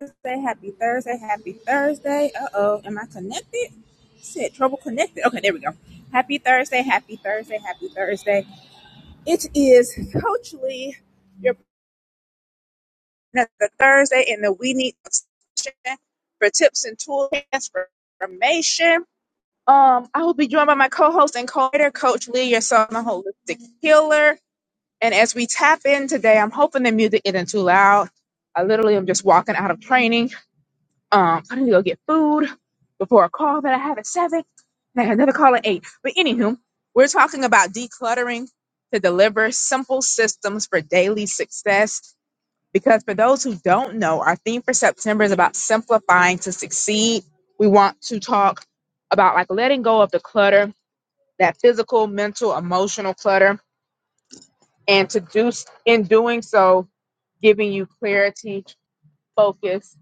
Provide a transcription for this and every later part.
Thursday, happy Thursday, happy Thursday. Uh oh, am I connected? Said trouble connected. Okay, there we go. Happy Thursday, happy Thursday, happy Thursday. It is Coach Lee, your partner Thursday in the We Need session for tips and tools transformation. Um, I will be joined by my co-host and co-creator, Coach Lee, your son, the holistic healer. And as we tap in today, I'm hoping the music isn't too loud. I literally am just walking out of training Um, I need to go get food before a call that I have at seven. And I got another call at eight. But anywho, we're talking about decluttering to deliver simple systems for daily success. Because for those who don't know, our theme for September is about simplifying to succeed. We want to talk about like letting go of the clutter, that physical, mental, emotional clutter, and to do in doing so, giving you clarity, focus,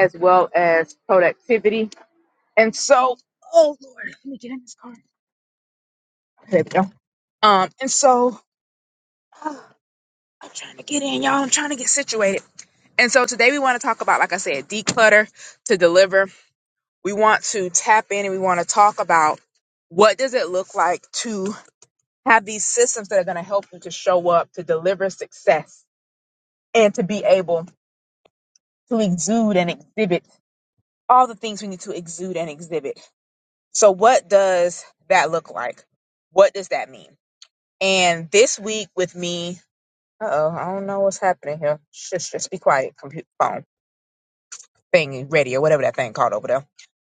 as well as productivity And so, oh Lord, let me get in this car. There we go. Um, and so I'm trying to get in, y'all. I'm trying to get situated. And so today we want to talk about, like I said, declutter to deliver. We want to tap in and we want to talk about what does it look like to have these systems that are going to help you to show up, to deliver success, and to be able to exude and exhibit all the things we need to exude and exhibit. So what does that look like? What does that mean? And this week with me Uh-oh, I don't know what's happening here. Shush, just be quiet. Computer, phone, thingy, radio, whatever that thing called over there.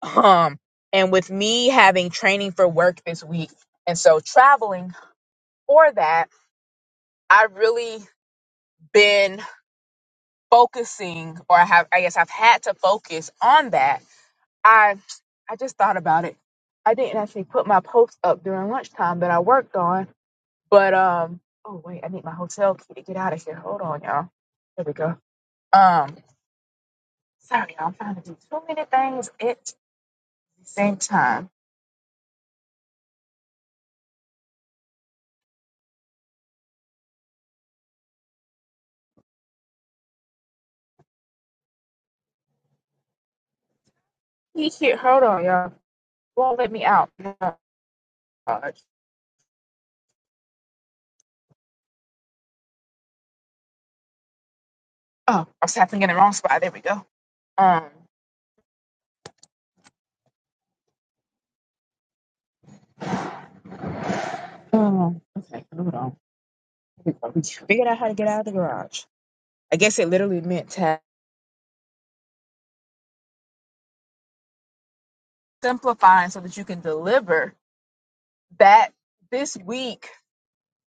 Um, and with me having training for work this week, and so traveling for that, I've really been focusing, or I have, I guess, I've had to focus on that. I, I just thought about it. I didn't actually put my post up during lunchtime that I worked on, but um, oh wait, I need my hotel key to get out of here. Hold on, y'all. There we go. Um, Sorry, I'm trying to do too many things at the same time. He shit, hold on, y'all. Won't let me out. No. Oh, I was tapping in the wrong spot. There we go. Um. um, okay, hold on. Here we go. We figured out how to get out of the garage. I guess it literally meant tap. Simplifying so that you can deliver that this week,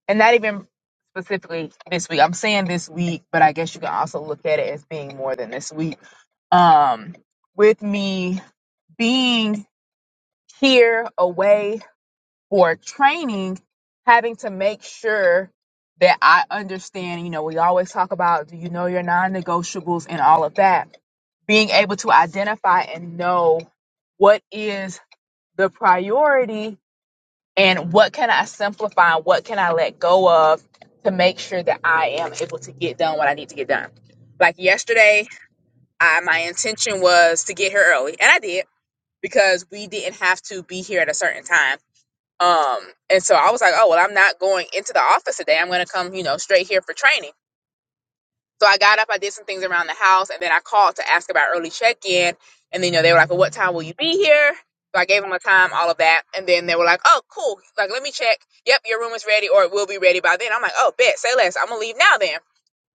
and not even specifically this week. I'm saying this week, but I guess you can also look at it as being more than this week. Um, with me being here away for training, having to make sure that I understand, you know, we always talk about do you know your non negotiables and all of that. Being able to identify and know what is the priority and what can I simplify, what can I let go of to make sure that I am able to get done what I need to get done. Like yesterday, I, my intention was to get here early, and I did because we didn't have to be here at a certain time um, and so I was like, oh, well, I'm not going into the office today. I'm going to come, you know, straight here for training. So I got up, I did some things around the house, and then I called to ask about early check in. And then, you know, they were like, well, what time will you be here? So I gave them a time, all of that. And then they were like, oh, cool. Like, let me check. Yep, your room is ready or it will be ready by then. I'm like, oh, bet, say less. I'm going to leave now then.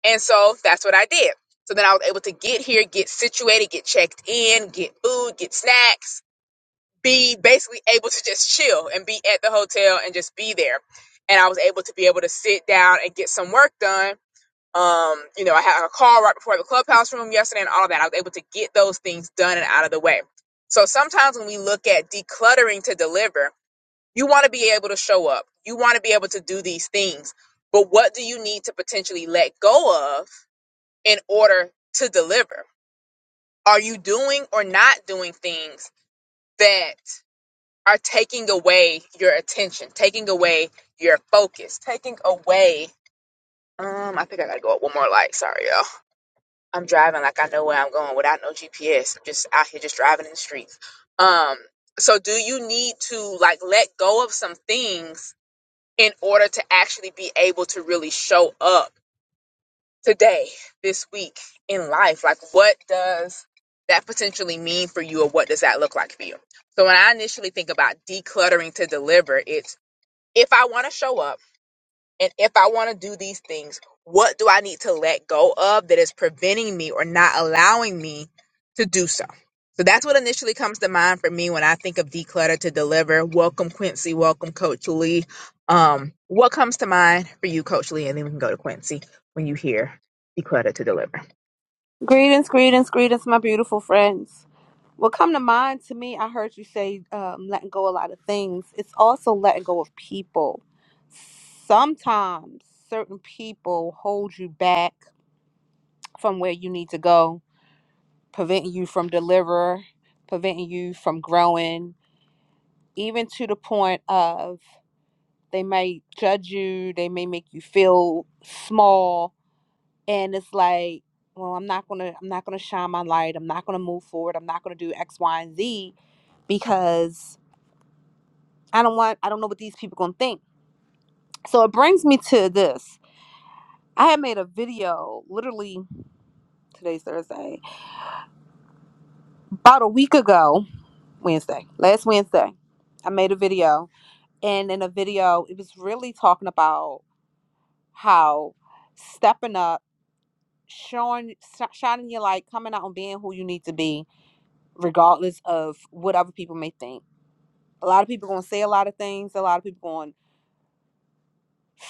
And so that's what I did. So then I was able to get here, get situated, get checked in, get food, get snacks be basically able to just chill and be at the hotel and just be there. And I was able to be able to sit down and get some work done. Um, you know, I had a call right before the clubhouse room yesterday and all of that. I was able to get those things done and out of the way. So sometimes when we look at decluttering to deliver, you want to be able to show up. You want to be able to do these things. But what do you need to potentially let go of in order to deliver? Are you doing or not doing things that are taking away your attention, taking away your focus, taking away. Um, I think I gotta go up one more light. Sorry, y'all. I'm driving like I know where I'm going without no GPS. I'm just out here just driving in the streets. Um, so do you need to like let go of some things in order to actually be able to really show up today, this week in life? Like, what does that potentially mean for you, or what does that look like for you? So when I initially think about decluttering to deliver, it's if I want to show up and if I want to do these things, what do I need to let go of that is preventing me or not allowing me to do so? So that's what initially comes to mind for me when I think of declutter to deliver. Welcome, Quincy. Welcome, Coach Lee. Um, what comes to mind for you, Coach Lee? And then we can go to Quincy when you hear declutter to deliver. Greetings, greetings, greetings, my beautiful friends. What come to mind to me, I heard you say um, letting go a lot of things. It's also letting go of people. Sometimes certain people hold you back from where you need to go, preventing you from deliver, preventing you from growing, even to the point of they may judge you, they may make you feel small, and it's like well i'm not gonna i'm not gonna shine my light i'm not gonna move forward i'm not gonna do x y and z because i don't want i don't know what these people gonna think so it brings me to this i had made a video literally today's thursday about a week ago wednesday last wednesday i made a video and in a video it was really talking about how stepping up showing shining your light coming out and being who you need to be regardless of what other people may think A lot of people gonna say a lot of things. A lot of people gonna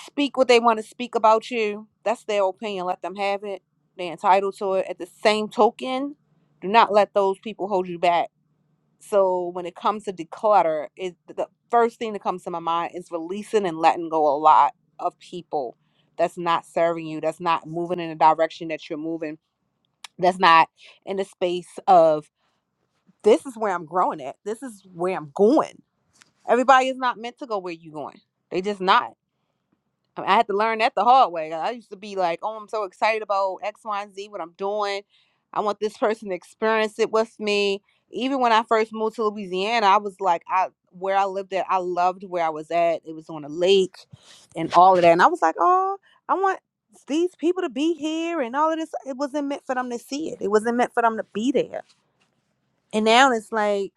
speak what they want to speak about you. That's their opinion. Let them have it. They're entitled to it. At the same token, do not let those people hold you back. So when it comes to declutter, it the first thing that comes to my mind is releasing and letting go a lot of people that's not serving you, that's not moving in the direction that you're moving, that's not in the space of this is where I'm growing at. This is where I'm going. Everybody is not meant to go where you're going. They just not. I mean, I had to learn that the hard way. I used to be like, oh, I'm so excited about X, Y, and Z, what I'm doing. I want this person to experience it with me. Even when I first moved to Louisiana, I was like, I where I lived at, I loved where I was at. It was on a lake and all of that. And I was like, oh, I want these people to be here and all of this. It wasn't meant for them to see it. It wasn't meant for them to be there. And now it's like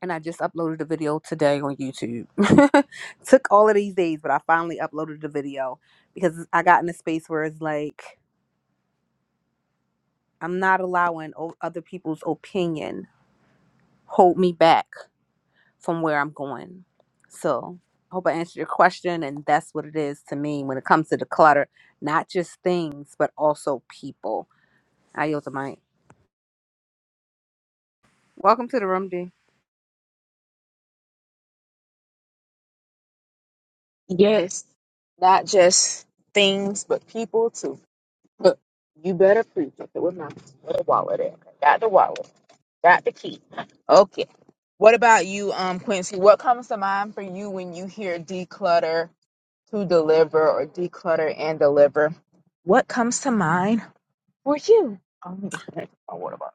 and I just uploaded a video today on YouTube. Took all of these days, but I finally uploaded the video because I got in a space where it's like I'm not allowing o- other people's opinion hold me back from where I'm going. So I hope I answered your question, and that's what it is to me when it comes to the clutter, not just things, but also people. I yield the mic. Welcome to the room, D. Yes, not just things, but people too. Look, you better preach. Okay, where my where the wallet at? Okay, got the wallet, got the key. Okay. What about you, um, Quincy? What comes to mind for you when you hear declutter to deliver or declutter and deliver? What comes to mind for you? Oh, let me just check my water bottle.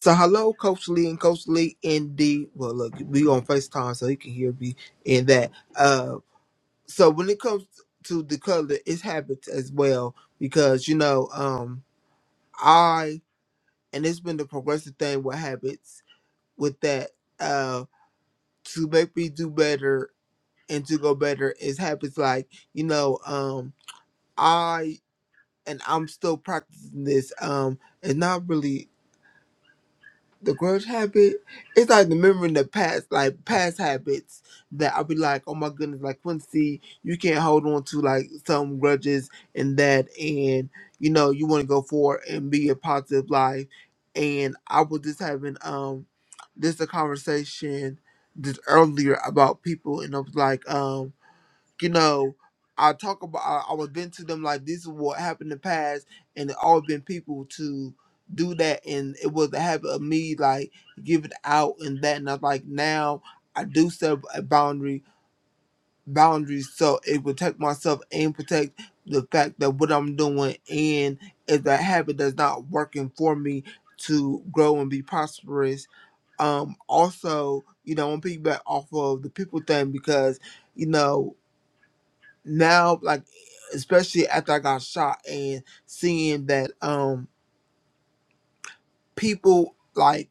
So hello, Coach Lee and Coach Lee indeed. Well, look, we on Facetime, so he can hear me in that. Uh, so when it comes to the color, it's habits as well because you know, um, I and it's been the progressive thing with habits with that. Uh, to make me do better and to go better is habits like you know, um, I and I'm still practicing this. Um, it's not really the grudge habit, it's like remembering the past, like past habits that I'll be like, oh my goodness, like Quincy, you can't hold on to like some grudges and that, and you know, you want to go forward and be a positive life. And I was just having um, this a conversation just earlier about people, and I was like, um, you know, I talk about I, I was been to them like this is what happened in the past and it all been people to do that and it was the habit of me like giving out and that and I was like now I do set a boundary boundaries so it protect myself and protect the fact that what I'm doing and if that habit that's not working for me to grow and be prosperous. Um also, you know, I'm piggyback off of the people thing because, you know, now like especially after I got shot and seeing that um people like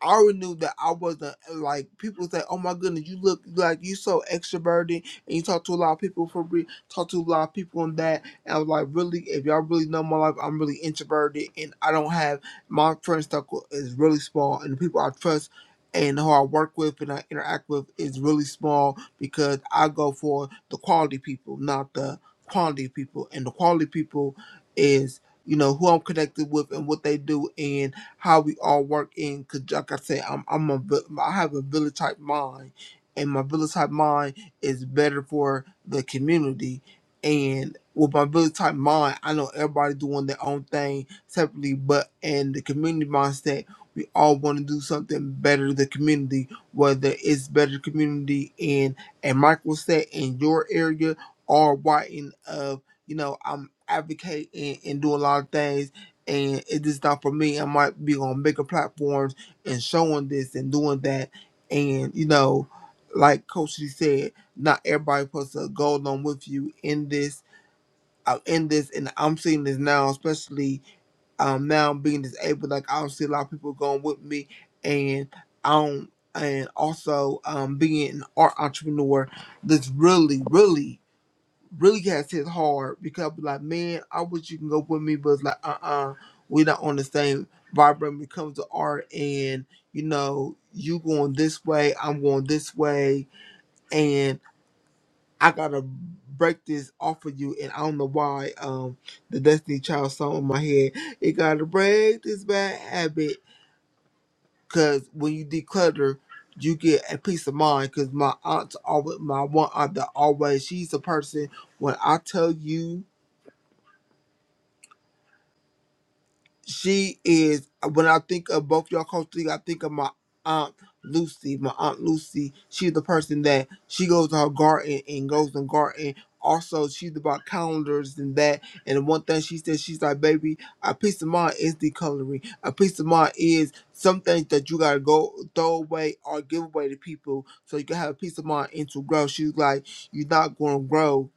I already knew that I wasn't eh, like people say, "Oh my goodness, you look like you so extroverted and you talk to a lot of people for real, talk to a lot of people and that." And I was like, "Really? If y'all really know my life, I'm really introverted and I don't have my friend circle is really small and the people I trust and who I work with and I interact with is really small because I go for the quality people, not the quantity people. And the quality people is you know who I'm connected with and what they do how we all work in. Cause like I said, I'm I'm a vi- I have a village type mind, and my village type mind is better for the community. And with my village type mind, I know everybody doing their own thing separately, but in the community mindset, we all want to do something better to the community, whether it's better community in a micro set in your area or writing of you know, I'm advocating and doing a lot of things and it is not for me. I might be on bigger platforms and showing this and doing that, and you know, like Coach Lee said, not everybody puts a go along with you in this. Uh, in this, and I'm seeing this now, especially um now being disabled. Like I don't see a lot of people going with me, and I don't. And also um, being an art entrepreneur, that's really, really really has hit hard because I'd be like, man, I wish you can go with me, but it's like, uh uh-uh, uh, we are not on the same vibe when it comes to art. And, you know, you going this way, I'm going this way, and I gotta break this off of you. And I don't know why um the Destiny Child song in my head, it gotta break this bad habit. Cause when you declutter, you get a peace of mind. Cause my aunt, always, my one aunt that always, she's a person, when I tell you, she is when I think of both y'all culturally, I think of my aunt Lucy. My aunt Lucy, she's the person that she goes to her garden and goes and garden. Also, she's about calendars and that. And the one thing she said, she's like, baby, a piece of mind is the coloring. A piece of mind is some things that you gotta go throw away or give away to people so you can have a piece of mind and to grow. She's like, you're not gonna grow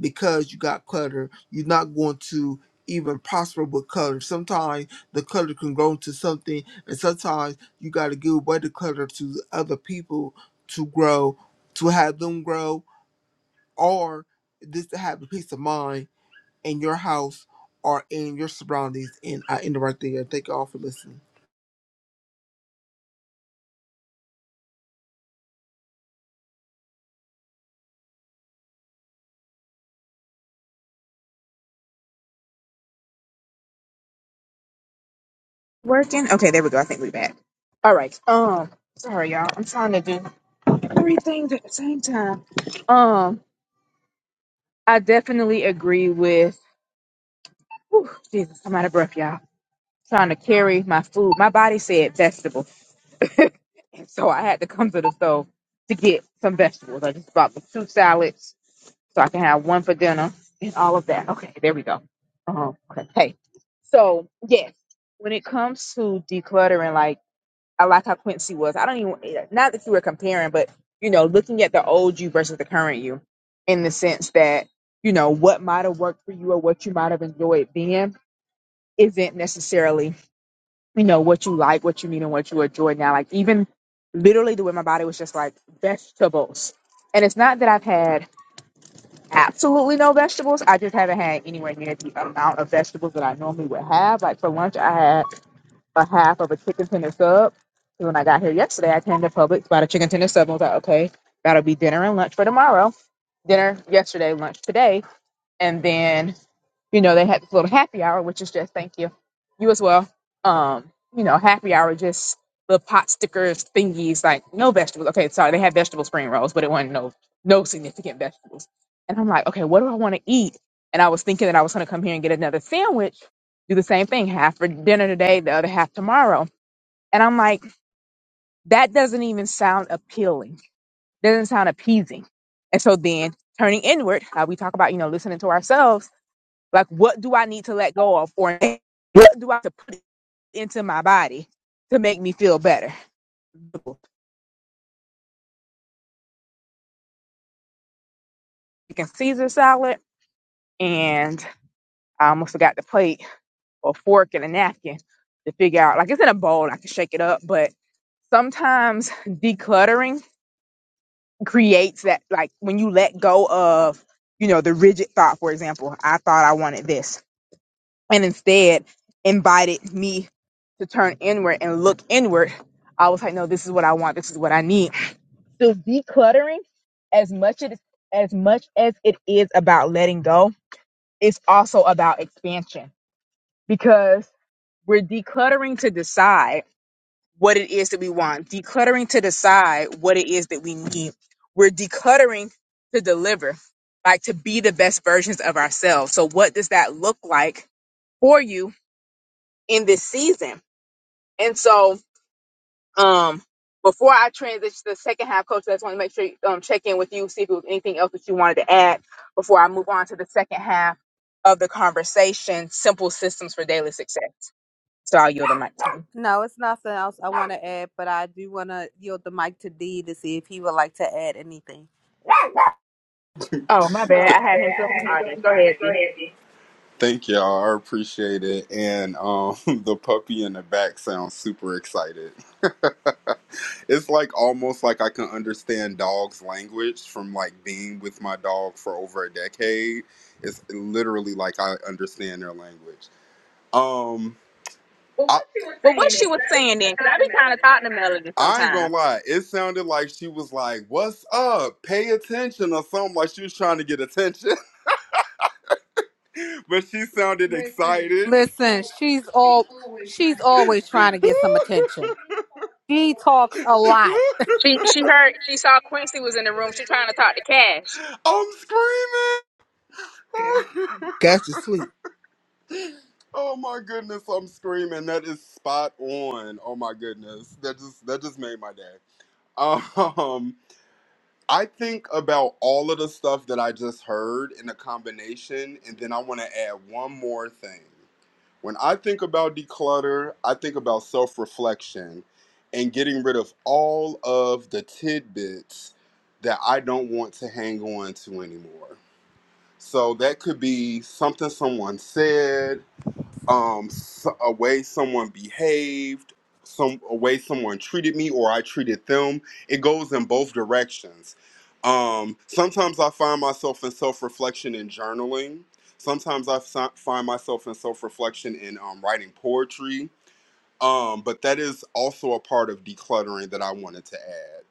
because you got clutter. You're not going to even prosper with clutter. Sometimes the clutter can grow into something, and sometimes you got to give away the clutter to other people to grow, to have them grow, or just to have the peace of mind in your house or in your surroundings. And I end it right there. Thank you all for listening. Working. Okay, there we go. I think we're back. All right. Um, sorry y'all. I'm trying to do three things at the same time. Um. I definitely agree with. Whew, Jesus, I'm out of breath, y'all. Trying to carry my food. My body said vegetable, so I had to come to the store to get some vegetables. I just bought the two salads so I can have one for dinner and all of that. Okay, there we go. Uh-huh. Okay. Hey, so yes, when it comes to decluttering, like. I like how Quincy was. I don't even not that you were comparing, but you know, looking at the old you versus the current you, in the sense that you know what might have worked for you or what you might have enjoyed then isn't necessarily you know what you like, what you need, and what you enjoy now. Like even literally the way my body was just like vegetables, and it's not that I've had absolutely no vegetables. I just haven't had anywhere near the amount of vegetables that I normally would have. Like for lunch, I had a half of a chicken tender sub. So When I got here yesterday, I came to Publix, bought a chicken tender sub. and I was like, okay, that'll be dinner and lunch for tomorrow. Dinner yesterday, lunch today, and then you know, they had this little happy hour, which is just thank you, you as well. Um, you know, happy hour, just the pot stickers, thingies, like no vegetables. Okay, sorry, they had vegetable spring rolls, but it wasn't no no significant vegetables. And I'm like, okay, what do I want to eat? And I was thinking that I was going to come here and get another sandwich, do the same thing, half for dinner today, the other half tomorrow. And I'm like, that doesn't even sound appealing. Doesn't sound appeasing. And so then turning inward, how we talk about, you know, listening to ourselves like, what do I need to let go of, or what do I have to put into my body to make me feel better? Chicken Caesar salad, and I almost forgot the plate or fork and a napkin to figure out. Like, it's in a bowl, I can shake it up, but sometimes decluttering creates that. Like, when you let go of, you know, the rigid thought, for example, I thought I wanted this, and instead invited me to turn inward and look inward. I was like, no, this is what I want. This is what I need So decluttering, as much it, is, as much as it is about letting go, it's also about expansion because we're decluttering to decide what it is that we want, decluttering to decide what it is that we need. We're decluttering to deliver, like to be the best versions of ourselves. So what does that look like for you in this season? And so Um, before I transition to the second half, Coach, I just want to make sure you um, check in with you, see if there was anything else that you wanted to add before I move on to the second half of the conversation, Simple Systems for Daily Success. So I'll yield the mic to you. No, it's nothing else I want to add, but I do want to yield the mic to D to see if he would like to add anything. Oh, my Oh, bad. I my bad. had him I feeling had him jump artist. Go ahead, Go D. ahead, B. Thank y'all. I appreciate it. And um, the puppy in the back sounds super excited. it's like almost like I can understand dog's language from like being with my dog for over a decade. It's literally like I understand their language. Um, Well, I, what she was Well, what saying she then, because was I saying be then, a because I cotton be trying to melody talk to Melody sometimes. I ain't gonna sometimes. lie, it sounded like she was like, What's up? Pay attention, or something like she was trying to get attention. but she sounded excited. Listen, she's all she's always trying to get some attention. She talks a lot. She she heard, she saw Quincy was in the room. She trying to talk to Cash. I'm screaming. Guys, to sleep. oh my goodness, I'm screaming. That is spot on. Oh my goodness. That just that just made my day. Um I think about all of the stuff that I just heard in a combination, and then I want to add one more thing. When I think about declutter, I think about self reflection and getting rid of all of the tidbits that I don't want to hang on to anymore. So that could be something someone said, um s a way someone behaved some a way someone treated me or i treated them it goes in both directions um sometimes i find myself in self-reflection and journaling sometimes i fi- find myself in self-reflection in um, writing poetry um but that is also a part of decluttering that i wanted to add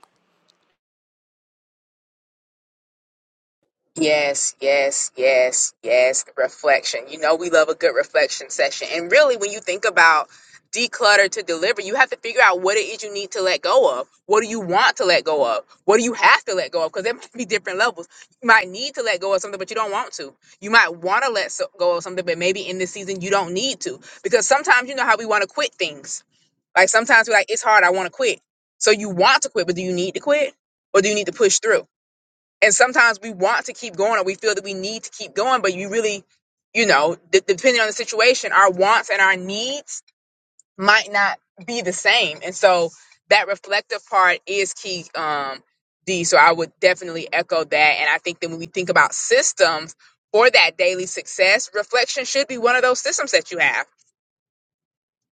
Yes, yes, yes, yes. Reflection. You know, we love a good reflection session. And really, when you think about declutter to deliver, you have to figure out what it is you need to let go of. What do you want to let go of? What do you have to let go of? Because there might be different levels. You might need to let go of something, but you don't want to. You might want to let so- go of something, but maybe in this season you don't need to. Because sometimes you know how we want to quit things. Like sometimes we're like, it's hard, I want to quit. So you want to quit, but do you need to quit? Or do you need to push through? And sometimes we want to keep going or we feel that we need to keep going, but you really, you know, d- depending on the situation, our wants and our needs might not be the same. And so that reflective part is key. Um, D. So I would definitely echo that. And I think that when we think about systems for that daily success, reflection should be one of those systems that you have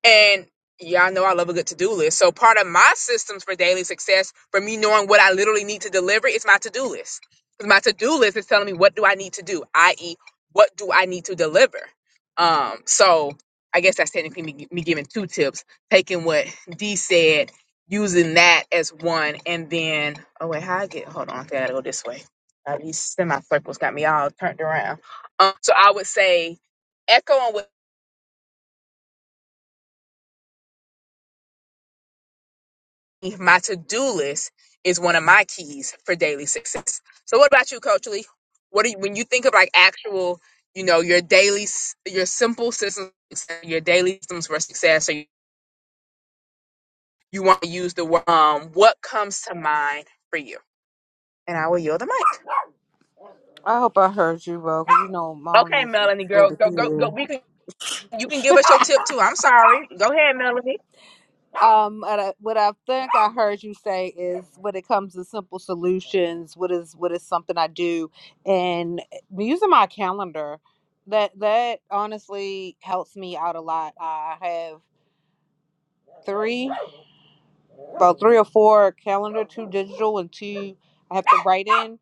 and y'all know I love a good to do list. So part of my systems for daily success, for me knowing what I literally need to deliver, is my to do list. 'Cause my to do list is telling me what do I need to do, i.e., what do I need to deliver. Um, so I guess that's technically me, me giving two tips, taking what D said, using that as one, and then oh wait, how I get? Hold on, I gotta go this way. Uh, these semicircles got me all turned around. Um, so I would say echoing. what my to-do list is one of my keys for daily success. So what about you, Coach Lee? What do you, when you think of like actual, you know, your daily, s- your simple systems, your daily systems for success, or you, you want to use the word, um, what comes to mind for you? And I will yield the mic. I hope I heard you, bro, 'cause you know Molly Okay, is is Melanie, girl, over go, go, go. here. We can, you can give us your tip too. I'm sorry. Go ahead, Melanie. Um, what I what I think I heard you say is when it comes to simple solutions, what is what is something I do, and using my calendar, that that honestly helps me out a lot. I have three, about three or four calendar, two digital and two I have to write in.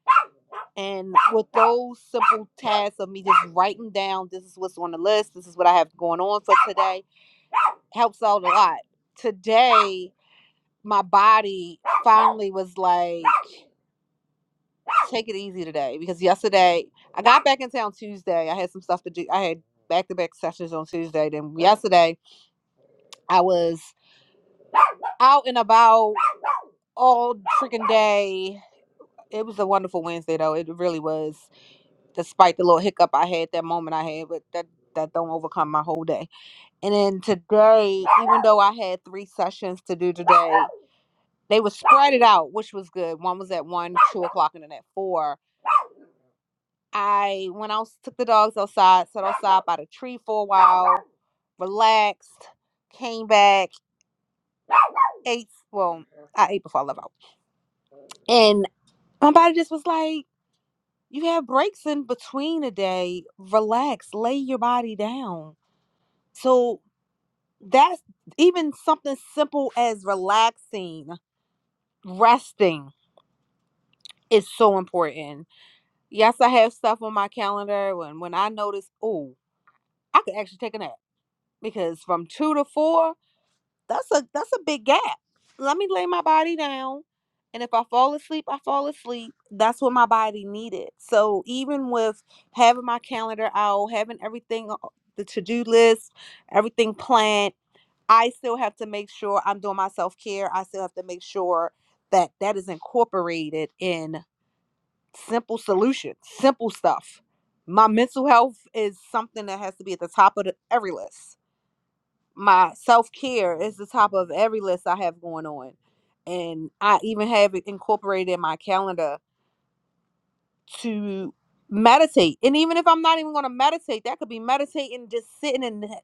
And with those simple tasks of me just writing down, this is what's on the list, this is what I have going on for today, helps out a lot. Today, my body finally was like, take it easy today because yesterday I got back in town Tuesday. I had some stuff to do. I had back to back sessions on Tuesday. Then yesterday, I was out and about all freaking day. It was a wonderful Wednesday, though. It really was. despite the little hiccup I had that moment I had, but that that don't overcome my whole day. And then today, even though I had three sessions to do today, they were spread it out, which was good. One was at one, two o'clock, and then at four. I went out, took the dogs outside, sat outside by the tree for a while, relaxed, came back, ate. Well, I ate before I left out, and my body just was like, "You have breaks in between a day. Relax, lay your body down." So that's even something simple as relaxing, resting is so important. Yes, I have stuff on my calendar when when I notice, oh, I could actually take a nap because from 2 to 4, that's a that's a big gap. Let me lay my body down and if I fall asleep, I fall asleep. That's what my body needed. So even with having my calendar out, having everything o- the to-do list, everything planned I still have to make sure I'm doing my self care. I still have to make sure that that is incorporated in simple solutions, simple stuff. My mental health is something that has to be at the top of the, every list. My self care is the top of every list I have going on. And I even have it incorporated in my calendar to meditate. And even if I'm not even going to meditate, that could be meditating, just sitting in the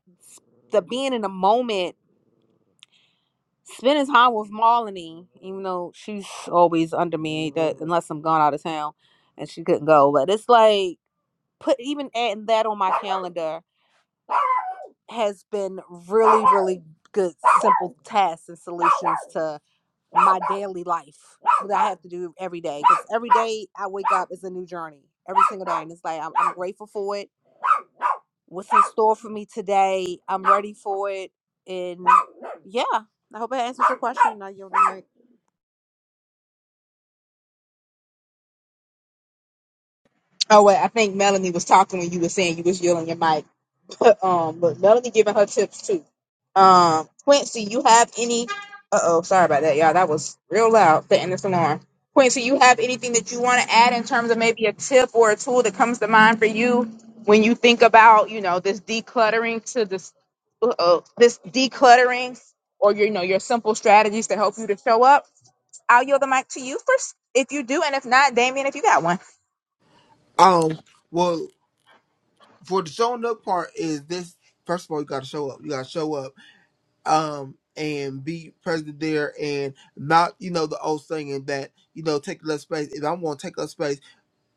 the being in the moment spending time with Marlene, even though she's always under me that unless I'm gone out of town and she couldn't go. But it's like put even adding that on my calendar has been really, really good simple tasks and solutions to my daily life that I have to do every day. Because every day I wake up is a new journey. Every single day. And it's like I'm, I'm grateful for it. What's in store for me today? I'm ready for it. And yeah. I hope I answered your question. Now you're Oh wait, I think Melanie was talking when you were saying you was yielding your mic. But um, but Melody giving her tips too. Um, Quincy, you have any? Uh oh, sorry about that, y'all. That was real loud. The this alarm. Quincy, you have anything that you want to add in terms of maybe a tip or a tool that comes to mind for you when you think about you know this decluttering to this uh, this decluttering or your, you know your simple strategies to help you to show up? I'll yield the mic to you first if you do, and if not, Damien, if you got one. Um, well, for the showing up part is this. First of all, you got to show up. You got to show up um and be present there and not you know the old saying that you know take less space if i'm going to take up space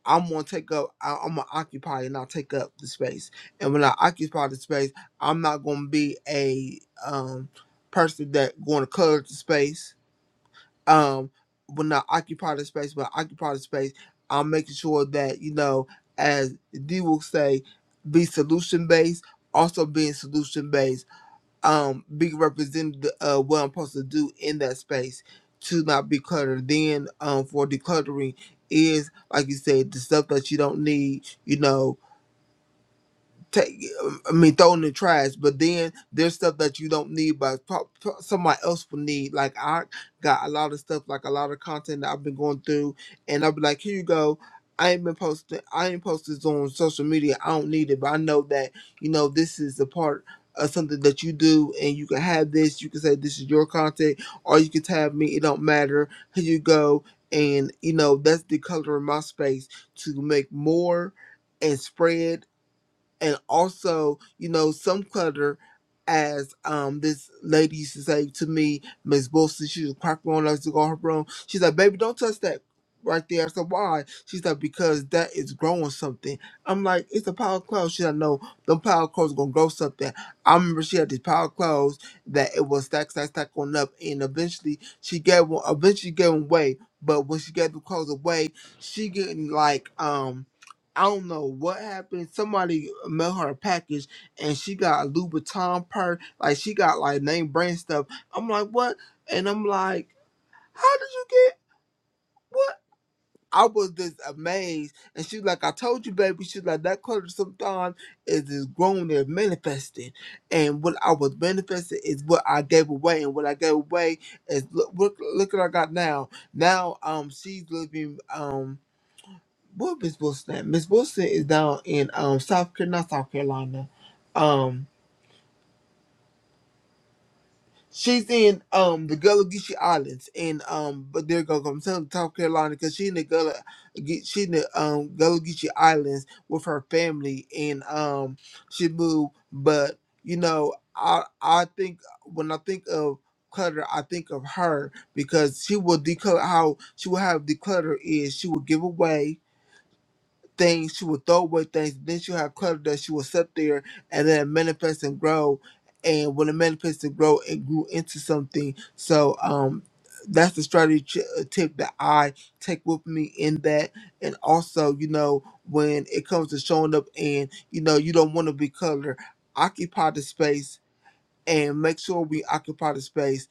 i'm going to take up I, i'm going to occupy and not take up the space and when i occupy the space i'm not going to be a um person that going to clutter the space um when i occupy the space when i occupy the space i'm making sure that you know as d will say be solution based also being solution based um be represented uh what I'm supposed to do in that space to not be cluttered. Then um for decluttering is like you said, the stuff that you don't need, you know, take I mean throw in the trash. But then there's stuff that you don't need, but pro- pro- somebody else will need. Like I got a lot of stuff, like a lot of content that I've been going through, and I'll be like, here you go. I ain't been posting. I ain't posted this on social media. I don't need it, but I know that you know this is a part of something that you do, and you can have this. You can say this is your content, or you can tab me. It don't matter. Here you go, and you know that's the color of my space to make more and spread and also you know some clutter as um this lady used to say to me miss wilson she was cracking on us to go in her room she's like baby don't touch that right there I said, why she's like because that is growing something i'm like it's a pile of clothes she's like no the pile of clothes gonna grow something i remember she had this pile of clothes that it was stack stack stack on up and eventually she gave one eventually she gave them away but when she gave the clothes away she getting like um I don't know what happened. Somebody mailed her a package and she got a Louboutin purse. Like she got like name brand stuff. I'm like, what? And I'm like, how did you get what? I was just amazed. And she's like, I told you, baby. She's like, that color sometimes is just grown and manifesting. And what I was manifesting is what I gave away. And what I gave away is look, look, look what I got now. Now um she's living um where Miss Wilson at? Miss Wilson is down in um South Carolina, not South Carolina. Um, she's in um the Gullah Geechee Islands, and um, but they're gonna come to South Carolina because she in the Gullah, Ge- she in the um Gullah Geechee Islands with her family, and um, she moved. But you know, I I think when I think of clutter, I think of her because she will declutter how she will have declutter is she will give away things, she will throw away things. Then she'll have clutter that she will set there and then it manifest and grow. And when it manifests and grow, it grew into something. So um, that's the strategy ch- uh, tip that I take with me in that. And also, you know, when it comes to showing up and, you know, you don't want to be cluttered, occupy the space and make sure we occupy the space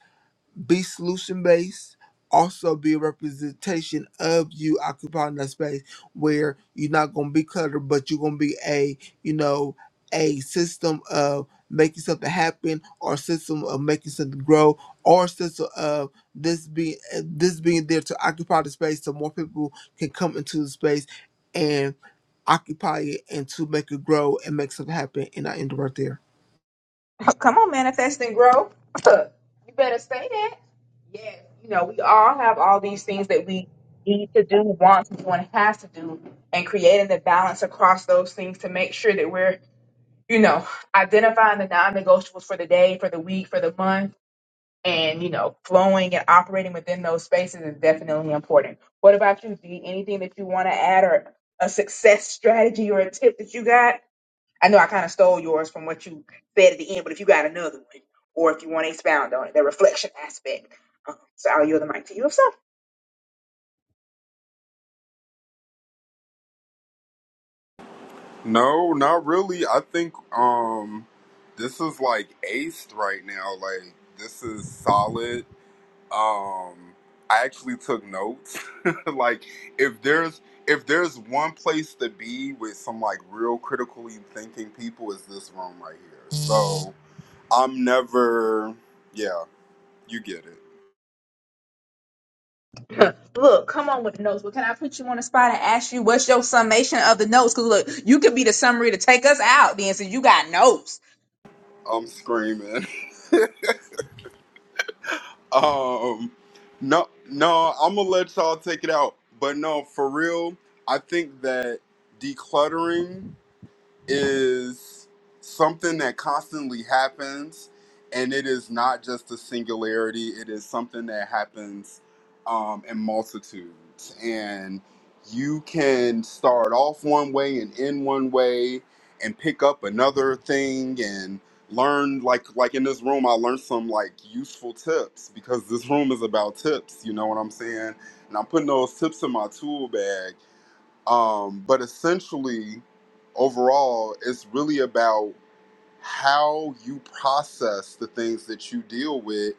be solution based, also be a representation of you occupying that space where you're not gonna be cluttered, but you're gonna be a you know a system of making something happen, or system of making something grow, or system of this being this being there to occupy the space so more people can come into the space and occupy it and to make it grow and make something happen. And I end right there. Oh, Come on, manifest and grow. you better say that. Yes, you know, we all have all these things that we need to do, want to do, and has to do, and creating the balance across those things to make sure that we're, you know, identifying the non negotiables for the day, for the week, for the month, and, you know, flowing and operating within those spaces is definitely important. What about you, Dee? Anything that you want to add or a success strategy or a tip that you got? I know I kind of stole yours from what you said at the end, but if you got another one, or if you want to expound on it, the reflection aspect, um, so I'll yield the mic to you. If so, no not really i think um this is like aced right now like this is solid um i actually took notes like if there's if there's one place to be with some like real critically thinking people is this room right here so i'm never yeah you get it look, come on with the notes. But can I put you on the spot and ask you what's your summation of the notes? Because look, you could be the summary to take us out then, since you got notes. i'm screaming um no no i'm gonna let y'all take it out but no for real i think that decluttering is something that constantly happens and it is not just a singularity it is something that happens um, in multitudes and you can start off one way and end one way and pick up another thing and learn like like in this room i learned some like useful tips because this room is about tips you know what i'm saying and i'm putting those tips in my tool bag um, but essentially, overall, it's really about how you process the things that you deal with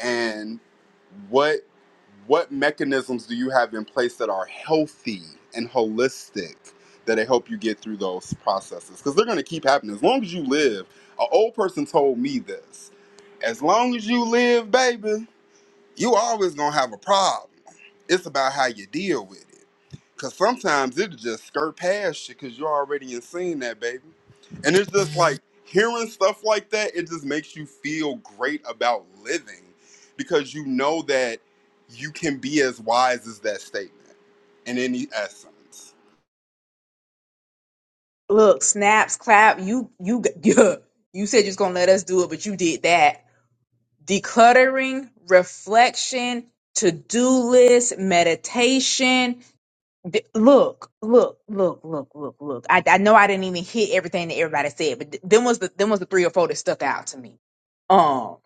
and what what mechanisms do you have in place that are healthy and holistic that they help you get through those processes because they're going to keep happening as long as you live an old person told me this as long as you live baby you always going to have a problem it's about how you deal with it Cause sometimes it just skirt past you because you're already in seeing that baby. And it's just like hearing stuff like that, it just makes you feel great about living because you know that you can be as wise as that statement in any essence. Look, snaps, clap. You, you, you, you said you was gonna let us do it, but you did that. decluttering, reflection, to do list, meditation. D- Look, look, look, look, look, look. I, I know I didn't even hit everything that everybody said, but th- them was the them was the three or four that stuck out to me. Um,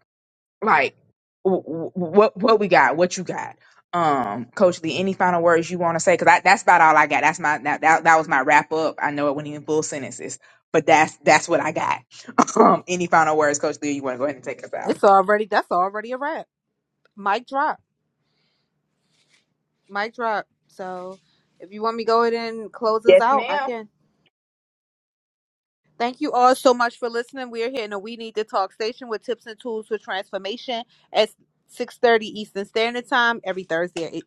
like w- w- what what we got, what you got, um, Coach Lee. Any final words you want to say? Because that's about all I got. That's my that, that that was my wrap up. I know it wasn't even full sentences, but that's that's what I got. Um, any final words, Coach Lee? You want to go ahead and take us out? It's already that's already a wrap. Mic drop. Mic drop. So if you want me to go ahead and close this Yes, out, I ma'am. can. Thank you all so much for listening. We are here in the We Need to Talk station with tips and tools for transformation at 6:30 Eastern Standard Time every Thursday at eight-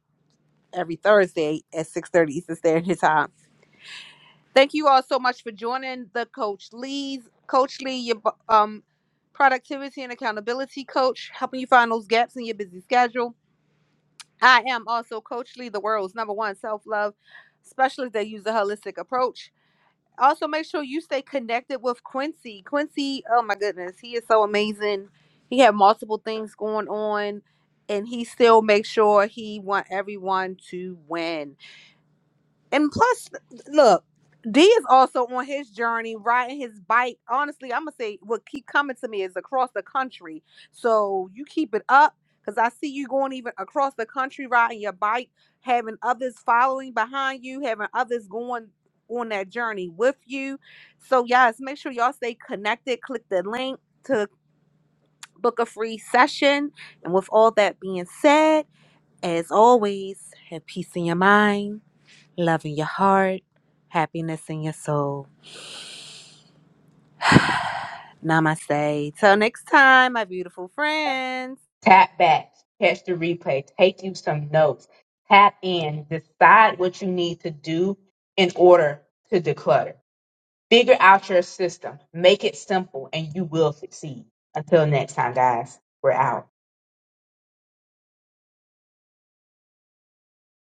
every Thursday at 6:30 Eastern Standard Time. Thank you all so much for joining the Coach Lee's Coach Lee, your um productivity and accountability coach, helping you find those gaps in your busy schedule. I am also Coach Lee, the world's number one self love specialist that use a holistic approach. Also, make sure you stay connected with Quincy. Quincy, oh my goodness, he is so amazing. He had multiple things going on, and he still makes sure he want everyone to win. And plus, look, D is also on his journey, riding his bike. Honestly, I'm gonna say what keep coming to me is across the country. So you keep it up, cause I see you going even across the country riding your bike, having others following behind you, having others going on that journey with you. So yes, make sure y'all stay connected. Click the link to book a free session. And with all that being said, as always, have peace in your mind love in your heart, happiness in your soul. Namaste. Till next time, my beautiful friends. Tap back, catch the replay, take you some notes, tap in, decide what you need to do in order to declutter. Figure out your system, make it simple, and you will succeed. Until next time, guys, we're out.